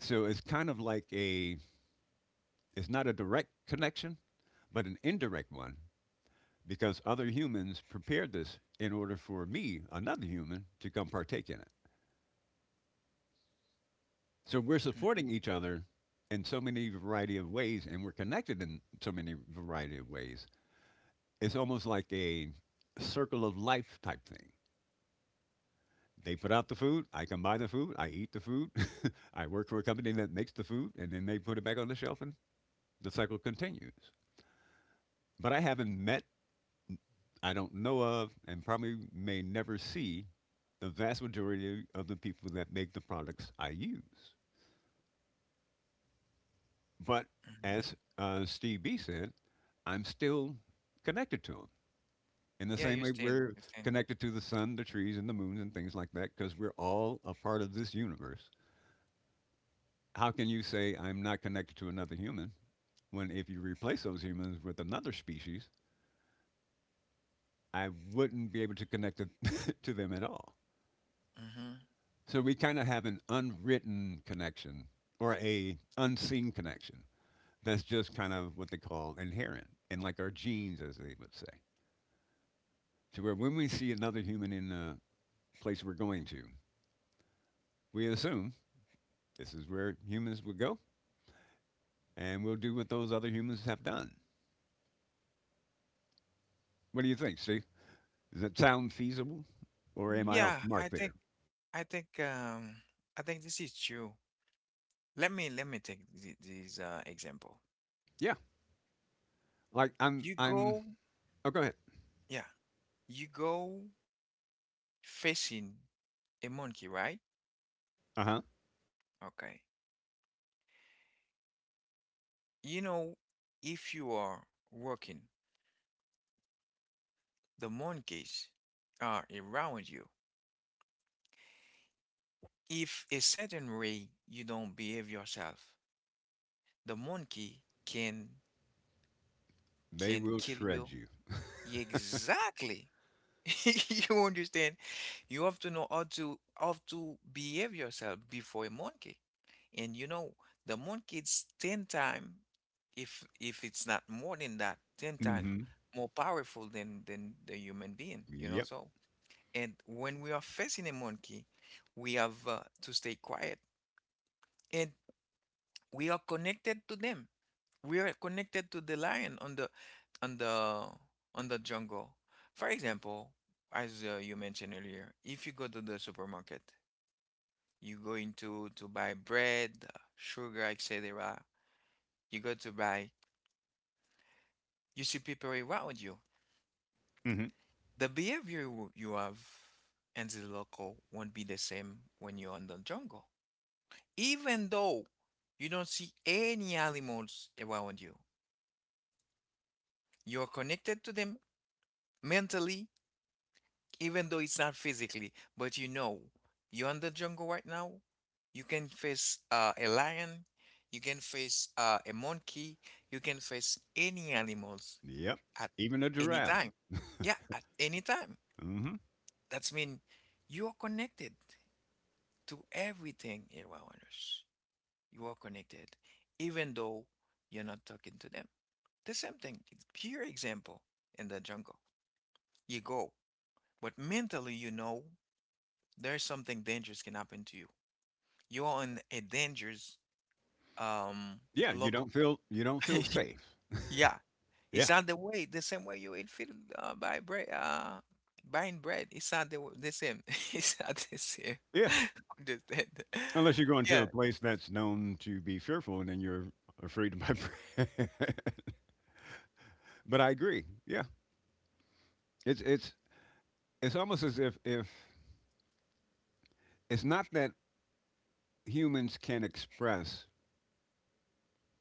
B: So it's kind of like a, it's not a direct connection, but an indirect one because other humans prepared this in order for me, another human, to come partake in it. So we're
C: Hmm.
B: supporting each other in so many variety of ways, and we're connected in so many variety of ways. It's almost like a circle of life type thing. They put out the food, I come buy the food, I eat the food, I work for a company that makes the food, and then they put it back on the shelf, and the cycle continues. But I haven't met I don't know of and probably may never see the vast majority of the people that make the products I use. But
C: Hmm.
B: as Steve B said, I'm still connected to them in the
C: Yeah,
B: same
C: you
B: way
C: still,
B: we're
C: you still.
B: connected to the sun, the trees, and the moons and things like that because we're all a part of this universe. How can you say I'm not connected to another human when if you replace those humans with another species, I wouldn't be able to connect to to them at all?
C: Hmm.
B: So we kind of have an unwritten connection or a unseen connection that's just kind of what they call inherent and like our genes, as they would say. To where when we see another human in a place we're going to, we assume this is where humans would go and we'll do what those other humans have done. What do you think, Steve? Does that sound feasible or am I off
C: Yeah,
B: the mark
C: I
B: there?
C: think, I think, um, I think this is true. Let me, take this example.
B: Yeah. Like
C: You go,
B: oh, go ahead.
C: yeah, you go facing a monkey, right?
B: Uh huh.
C: Okay. You know, if you are working, the monkeys are around you. If a certain way you don't behave yourself, the monkey can
B: They will
C: kill you.
B: shred you.
C: Exactly. You understand? You have to know how to behave yourself before a monkey. And you know, the monkey is 10 times, if it's not more than that, 10
B: Mm
C: times
B: hmm.
C: more powerful than the human being, you know,
B: Yep.
C: so. And when we are facing a monkey, we have to stay quiet. And we are connected to them. We are connected to the lion on the on the jungle, for example. As you mentioned earlier, if you go to the supermarket, you go into to buy bread, sugar, etc. You go to buy, you see people around you.
B: Mm hmm.
C: The behavior you have in the local won't be the same when you're in the jungle. Even though you don't see any animals around you, you're connected to them mentally. Even though it's not physically, but you know, you're in the jungle right now. You can face a lion, you can face a monkey, you can face any animals
B: Yep.
C: at
B: Even a
C: any
B: giraffe.
C: time. Yeah, at any time.
B: Mhm.
C: That's mean you are connected to everything around us. You are connected, even though you're not talking to them. The same thing. It's pure example in the jungle. You go, but mentally, you know there's something dangerous can happen to you. You are in a dangerous um
B: Yeah,
C: local.
B: you don't feel safe.
C: Yeah,
B: Yeah.
C: it's not the way the same way you eat food, by bread buying bread. It's not the same. It's not the same.
B: Yeah.
C: Understand?
B: Unless you're going to
C: Yeah.
B: a place that's known to be fearful and then you're afraid to my But I agree. Yeah. It's it's it's almost as if it's not that humans can express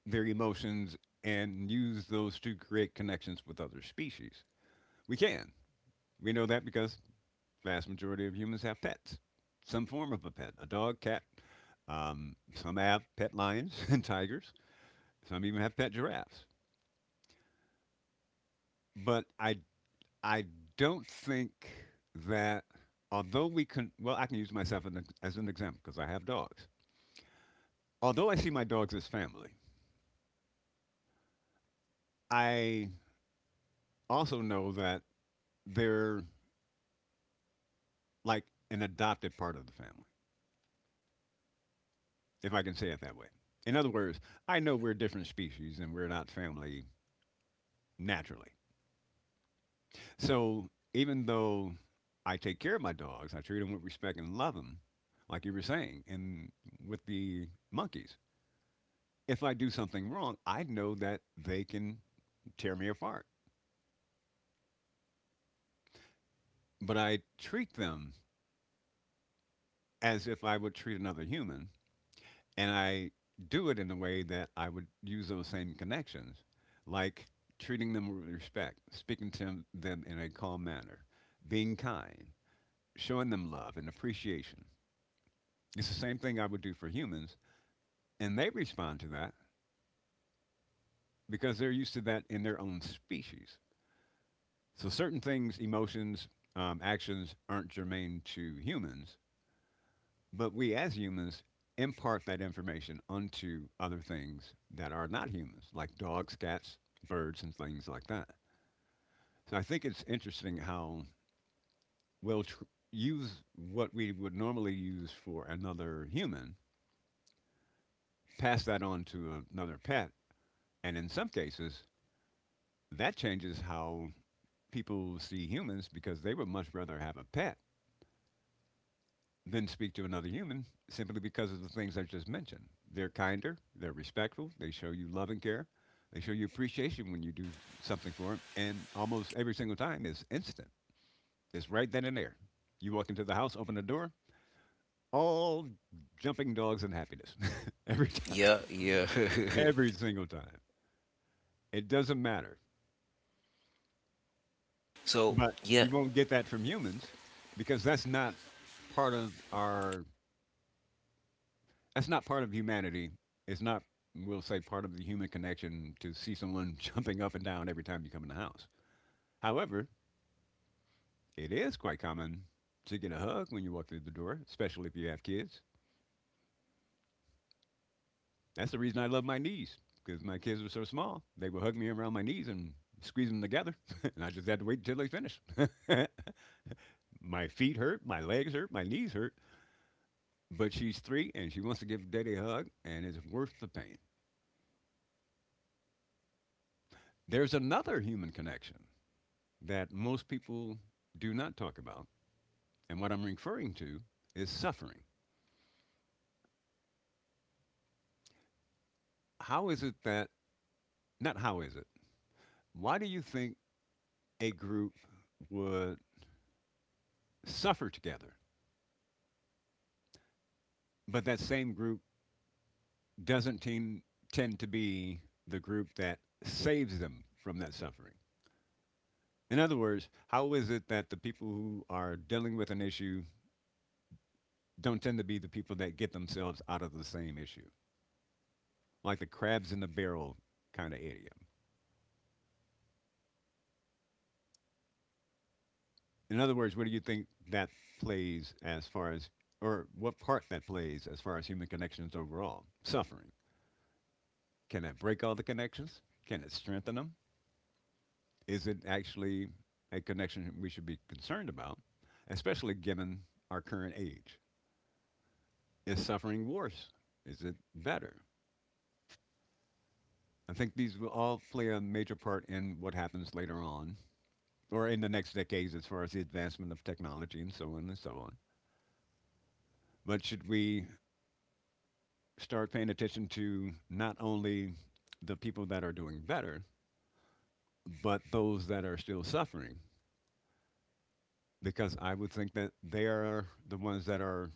B: their emotions and use those to create connections with other species. We can. We know that because vast majority of humans have pets. Some form of a pet, a dog, cat, some have pet lions and tigers. Some even have pet giraffes. But I don't think that although we can well I can use myself as an example because I have dogs. Although I see my dogs as family, I also know that they're like an adopted part of the family, if I can say it that way. In other words, I know we're different species and we're not family naturally. So even though I take care of my dogs, I treat them with respect and love them, like you were saying, and with the monkeys, if I do something wrong, I know that they can tear me apart. But I treat them as if I would treat another human, and I do it in a way that I would use those same connections, like treating them with respect, speaking to them in a calm manner, being kind, showing them love and appreciation. It's the same thing I would do for humans, and they respond to that because they're used to that in their own species. So certain things, emotions, actions aren't germane to humans, but we as humans impart that information onto other things that are not humans, like dogs, cats, birds, and things like that. So I think it's interesting how we'll use what we would normally use for another human, pass that on to another pet, and in some cases, that changes how people see humans because they would much rather have a pet than speak to another human simply because of the things I just mentioned. They're kinder, they're respectful, they show you love and care, they show you appreciation when you do something for them, and almost every single time is instant. It's right then and there. You walk into the house, open the door, all jumping dogs and happiness every time,
A: Yeah. Yeah.
C: Hmm.
B: every single time. It doesn't matter,
A: so
B: but
A: yeah.
B: you won't get that from humans because part of our That's not part of humanity. It's not, we'll say, part of the human connection to see someone jumping up and down every time you come in the house. However, it is quite common to get a hug when you walk through the door, especially if you have kids. That's the reason I love my niece, because my kids are so small. They would hug me around my knees and squeeze them together, and I just had to wait until they finished. My feet hurt, my legs hurt, my knees hurt, but she's three and she wants to give Daddy a hug, and it's worth the pain. There's another human connection that most people do not talk about. And what I'm referring to is suffering. How is it that, not how is it, Why do you think a group would suffer together, but that same group doesn't teen, tend to be the group that saves them from that suffering? In other words, how is it that the people who are dealing with an issue don't tend to be the people that get themselves out of the same issue? Like the crabs in the barrel kind of idiom. In other words, what do you think that plays as far as, or what part that plays as far as human connections overall? Suffering. Can that break all the connections? Can it strengthen them? Is it actually a connection we should be concerned about, especially given our current age? Is suffering worse? Is it better? I think these will all play a major part in what happens later on, or in the next decades as far as the advancement of technology and so on and so on. But should we start paying attention to not only the people that are doing better, but those that are still suffering, because I would think that they are the ones that are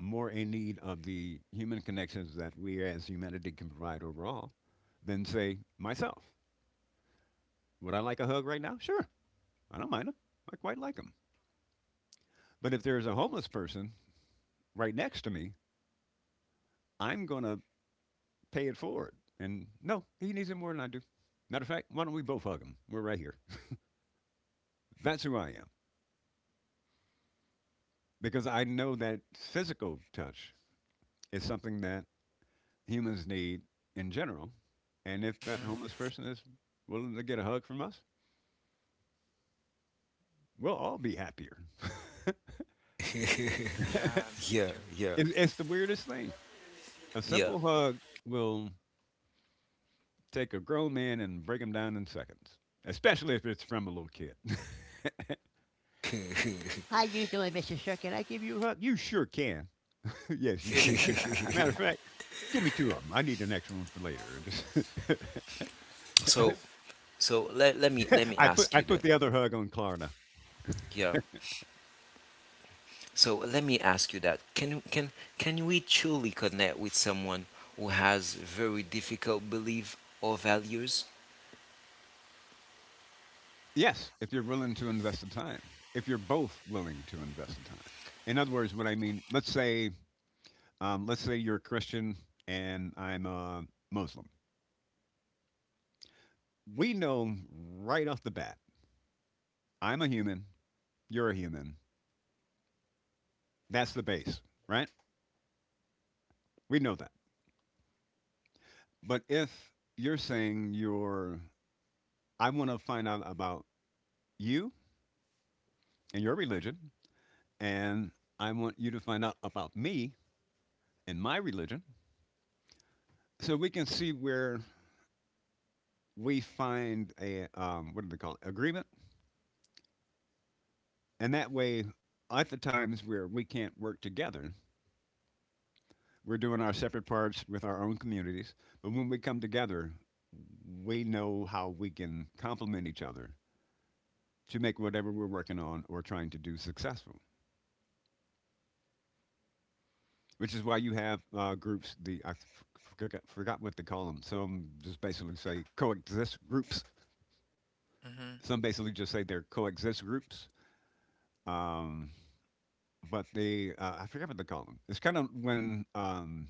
B: more in need of the human connections that we as humanity can provide overall than, say, myself. Would I like a hug right now? Sure, I don't mind them. I quite like them. But if there's a homeless person right next to me, I'm going to pay it forward. And no, he needs it more than I do. Matter of fact, why don't we both hug him? We're right here. That's who I am, because I know that physical touch is something that humans need in general. And if that
C: Hmm.
B: homeless person is willing to get a hug from us, we'll all be happier.
A: Yeah.
C: Yeah, this is true.
A: Yeah.
B: It's the weirdest thing. A
A: Yeah.
B: simple hug will take a grown man and break him down in seconds, especially if it's from a little kid. How you doing, Mr. Sir? Can I give you a hug? You sure can. Yes, you can. Give me, matter of fact, give me two of them. I need an extra one for later. Just
A: So let me
B: I put
A: ask
B: I
A: you
B: put
A: that.
B: the other hug on Klarna.
A: Yeah. So let me ask you that. Can we truly connect with someone who has very difficult belief or values?
B: Yes, if you're willing to invest the time, if you're both willing to invest the time. In other words, what I mean, let's say you're a Christian and I'm a Muslim. We know right off the bat, I'm a human, you're a human. That's the base, right? We know that. But if you're saying I want to find out about you and your religion, and I want you to find out about me and my religion, so we can see where we find a what do they call it, agreement, and that way, at the times where we can't work together, we're doing our separate parts with our own communities. But when we come together, we know how we can complement each other to make whatever we're working on or trying to do successful. Which is why you have groups. The I f- forgot, forgot what they call them. Some just basically say coexist groups.
C: Hmm.
B: Some basically just say they're coexist groups. Um, but they I forget what they call them. It's kind of when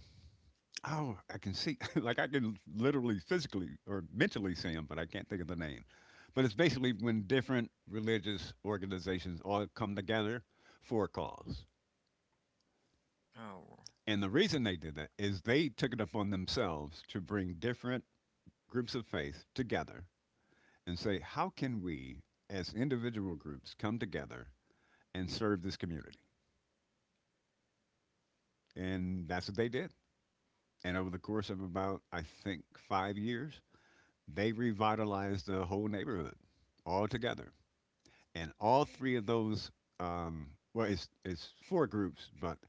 B: oh, I can see like I can literally physically or mentally see them, but I can't think of the name. But it's basically when different religious organizations all come together for a cause.
C: Oh,
B: And the reason they did that is they took it upon themselves to bring different groups of faith together and say, how can we as individual groups come together and serve this community? And that's what they did. And over the course of about, I think, 5 years, they revitalized the whole neighborhood altogether. And all three of those, well, it's four groups, but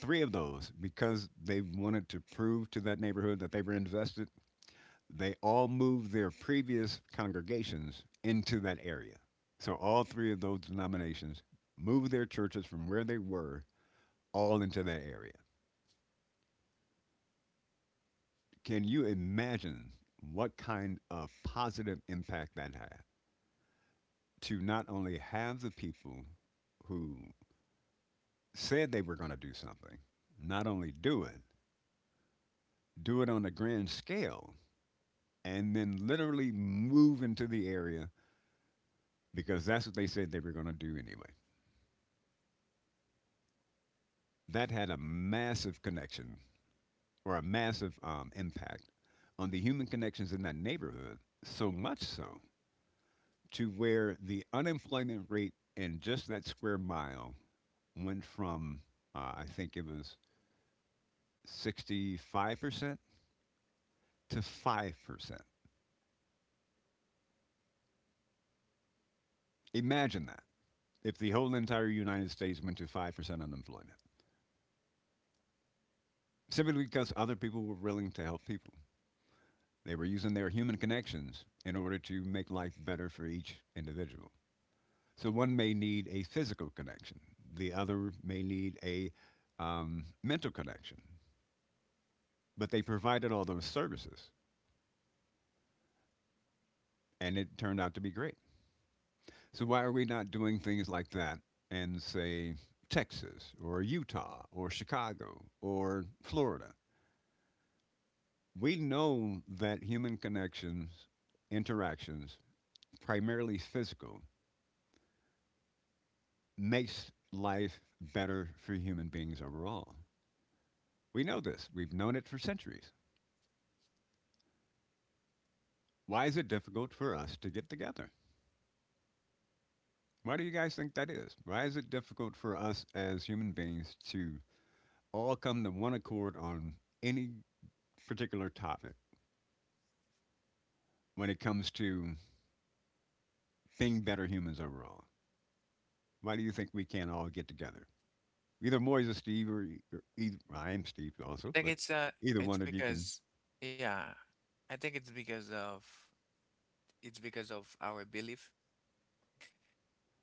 B: three of those, because they wanted to prove to that neighborhood that they were invested, they all moved their previous congregations into that area. So all three of those denominations moved their churches from where they were all into that area. Can you imagine what kind of positive impact that had to not only have the people who said they were going to do something, not only do it on a grand scale, and then literally move into the area because that's what they said they were going to do anyway? That had a massive connection or a massive impact on the human connections in that neighborhood, so much so to where the unemployment rate in just that square mile went from, I think it was 65% to 5%. Imagine that if the whole entire United States went to 5% unemployment, simply because other people were willing to help people. They were using their human connections in order to make life better for each individual. So one may need a physical connection, the other may need a mental connection. But they provided all those services, and it turned out to be great. So why are we not doing things like that in, say, Texas or Utah or Chicago or Florida? We know that human connections, interactions, primarily physical, makes life better for human beings overall. We know this. We've known it for centuries. Why is it difficult for us to get together? Why do you guys think that is? Why is it difficult for us as human beings to all come to one accord on any particular topic when it comes to being better humans overall? Why do you think we can't all get together? Either Moise or Steve, or, e- or either, well, I am Steve also,
C: I think
B: but either
C: it's
B: one of you can.
C: because, yeah, I think it's because of our belief,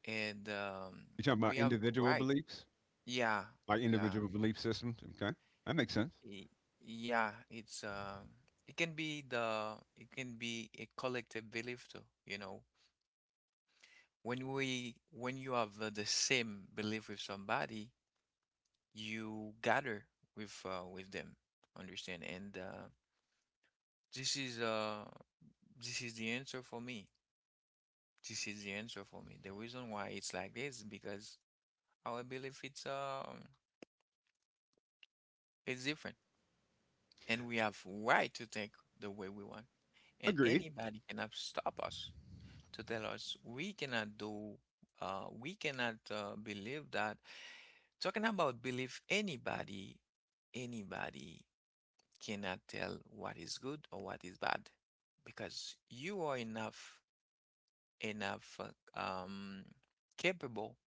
C: and
B: You're talking
C: we
B: about
C: have
B: individual
C: right.
B: beliefs,
C: Yeah,
B: like
C: yeah.
B: individual belief systems. Okay, that makes sense.
C: Y- Yeah, it's it can be a collective belief too, you know. When you have the same belief with somebody, you gather with them, understand? And this is uh this is the answer for me. This is the answer for me. The reason why it's like this is because our belief, it's different, and we have right to think the way we want, and
B: Agreed.
C: anybody cannot stop us, to tell us we cannot do, we cannot believe that. Talking about belief, anybody cannot tell what is good or what is bad, because you are enough capable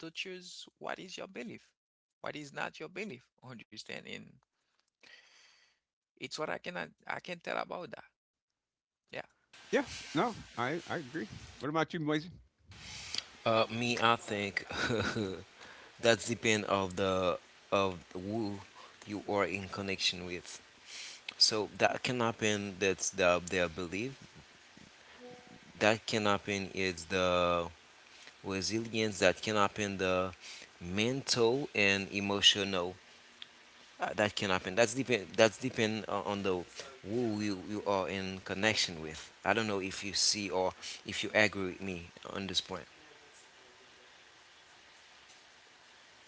C: to choose what is your belief, what is not your belief. Understand? And it's what I cannot, I can tell about that. Yeah.
B: Yeah. No, I agree. What about you, Moise?
A: Me, I think that's depend of who you are in connection with. So that can happen. That's the their belief. That can happen is the resilience. That can happen the mental and emotional. That can happen. That's depend. That's depend on the who you are in connection with. I don't know if you see or if you agree with me on this point.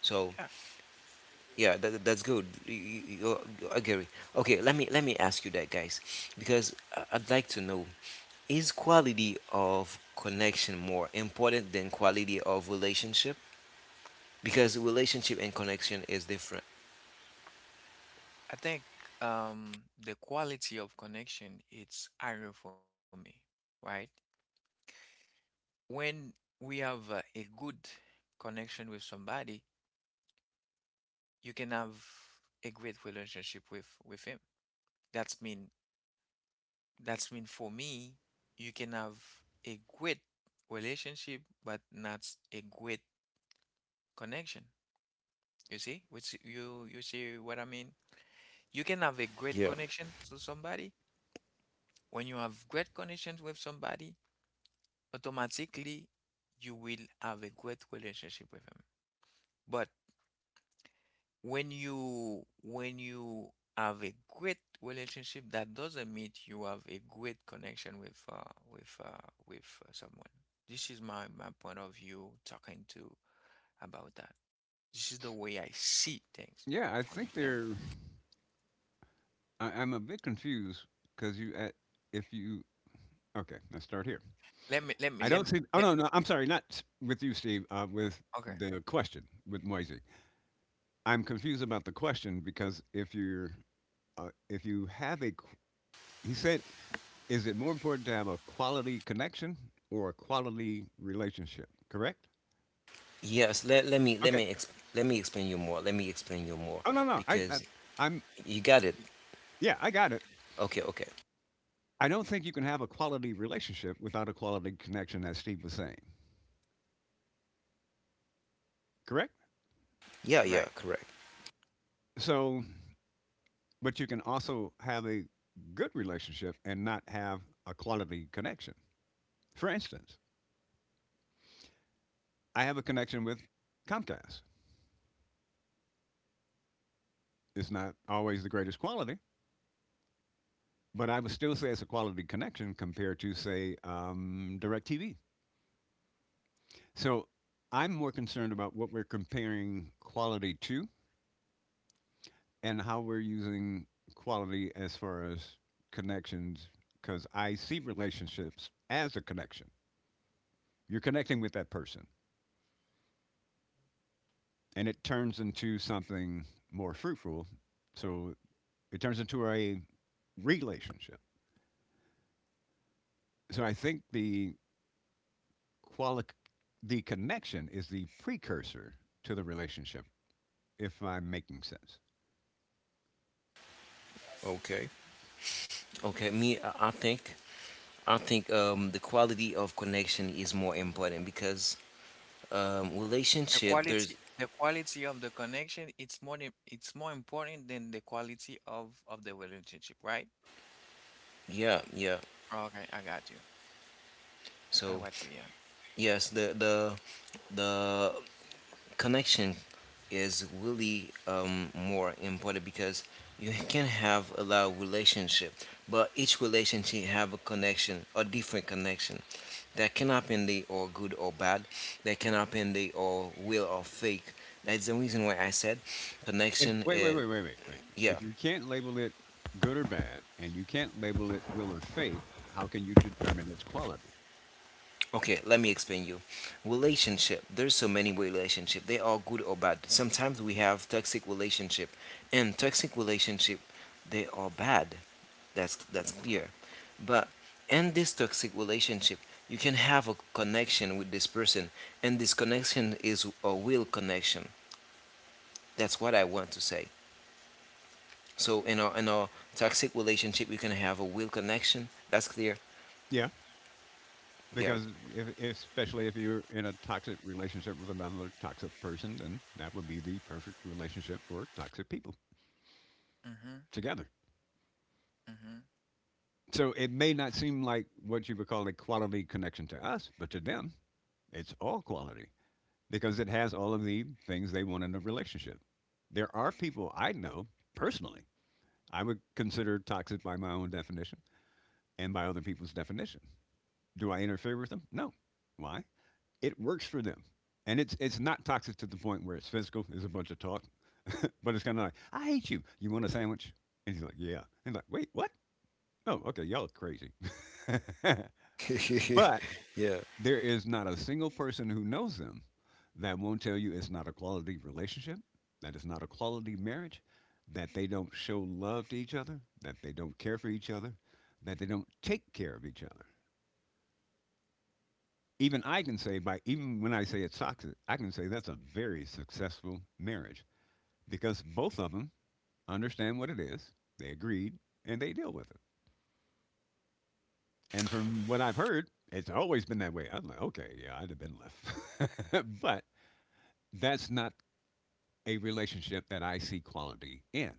A: So,
C: Yeah.
A: yeah, that's good. I agree. Okay, let me ask you that, guys, because I'd like to know: is quality of connection more important than quality of relationship? Because relationship and connection is different.
C: I think the quality of connection, it's higher for me, right? When we have a good connection with somebody, you can have a great relationship with him. That's mean that's mean for me, you can have a great relationship but not a great connection. You see? Which, you see what I mean? You can have a great
A: Yeah.
C: connection to somebody. When you have great connections with somebody, automatically you will have a great relationship with him. But when you have a great relationship, that doesn't mean you have a great connection with uh, with someone. This is my point of view talking to about that. This is the way I see things.
B: Yeah, I think
C: Understand?
B: they're. I'm a bit confused because you at if you okay, let's start here.
C: Let me let me
B: I
C: let me
B: don't see. Oh
C: let
B: no,
C: me.
B: no, I'm sorry, not s- with you, Steve. With
C: Okay,
B: the question with Moise. I'm confused about the question because if you have a qu- he said, is it more important to have a quality connection or a quality relationship, correct?
A: Yes, let, let me let
B: Okay.
A: me exp- let me explain you more. Let me explain you more
B: oh no no I, I
A: because
B: I'm
A: you got it.
C: I-
B: Yeah, I got it.
A: Okay, okay.
B: I don't think you can have a quality relationship without a quality connection, as Steve was saying, correct?
A: Yeah, yeah,
C: right.
A: correct.
B: So, but you can also have a good relationship and not have a quality connection. For instance, I have a connection with Comcast. It's not always the greatest quality. But I would still say it's a quality connection compared to, say, DirecTV. So I'm more concerned about what we're comparing quality to and how we're using quality as far as connections, because I see relationships as a connection. You're connecting with that person, and it turns into something more fruitful. So it turns into a relationship. So I think the quali- the connection is the precursor to the relationship, if I'm making sense.
A: Okay. Okay, me, I think the quality of connection is more important because
C: The
A: relationship there's,
C: quality the quality of the connection, it's more it's more important than the quality of the relationship, right?
A: yeah, yeah.
C: Okay, I got you. I
A: So,
C: got you. Yeah.
A: yes, the connection is really more important because you can have a lot of relationship, but each relationship have a connection, a different connection, that can happen they or good or bad, that can happen they or real or fake. That's the reason why I said
B: If,
A: connection
B: wait, wait,
A: is,
B: wait, wait, wait, wait.
A: yeah.
B: If you can't label it good or bad, and you can't label it real or fake, how can you determine its quality?
A: Okay, let me explain you. Relationship. There's so many way relationship. They are good or bad. Sometimes we have toxic relationship, and toxic relationship, they are bad. That's clear. But in this toxic relationship, you can have a connection with this person, and this connection is a real connection. That's what I want to say. So in a toxic relationship, you can have a real connection. That's clear.
B: Yeah.
A: Yeah.
B: Because especially if you're in a toxic relationship with another toxic person, then that would be the perfect relationship for toxic people
C: Mm-hmm.
B: together.
C: Mm-hmm.
B: So it may not seem like what you would call a quality connection to us, but to them, it's all quality because it has all of the things they want in a relationship. There are people I know personally I would consider toxic by my own definition and by other people's definition. Do I interfere with them? No. Why? It works for them. And it's not toxic to the point where it's physical. There's a bunch of talk, but it's kind of like, I hate you. You want a sandwich? And he's like, yeah. And he's like, wait, what? Oh, okay, y'all are crazy. But there is not a single person who knows them that won't tell you it's not a quality relationship, that it's not a quality marriage, that they don't show love to each other, that they don't care for each other, that they don't take care of each other. Even I can say by even When I say it's toxic, I can say that's a very successful marriage because both of them understand what it is, they agreed, and they deal with it. And from what I've heard, it's always been that way. I'm like, okay, yeah, I'd have been left. But that's not a relationship that I see quality in.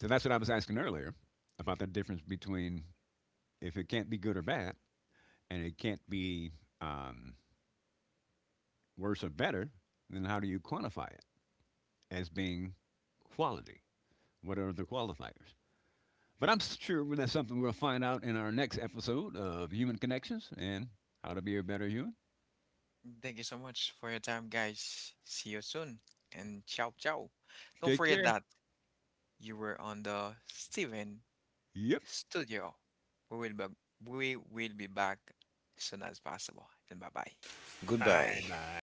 B: So that's what I was asking earlier about the difference between if it can't be good or bad and it can't be um, worse or better, then how do you quantify it as being quality? What are the qualifiers? But I'm sure that's something we'll find out in our next episode of Human Connections and How to Be a Better Human.
C: Thank you so much for your time, guys. See you soon. And ciao, ciao. Don't
B: Take
C: forget
B: care.
C: that you were on the Steven
B: Yep.
C: Studio. We will be, we will be back as soon as possible. And bye bye.
B: Bye
A: Goodbye.
B: bye.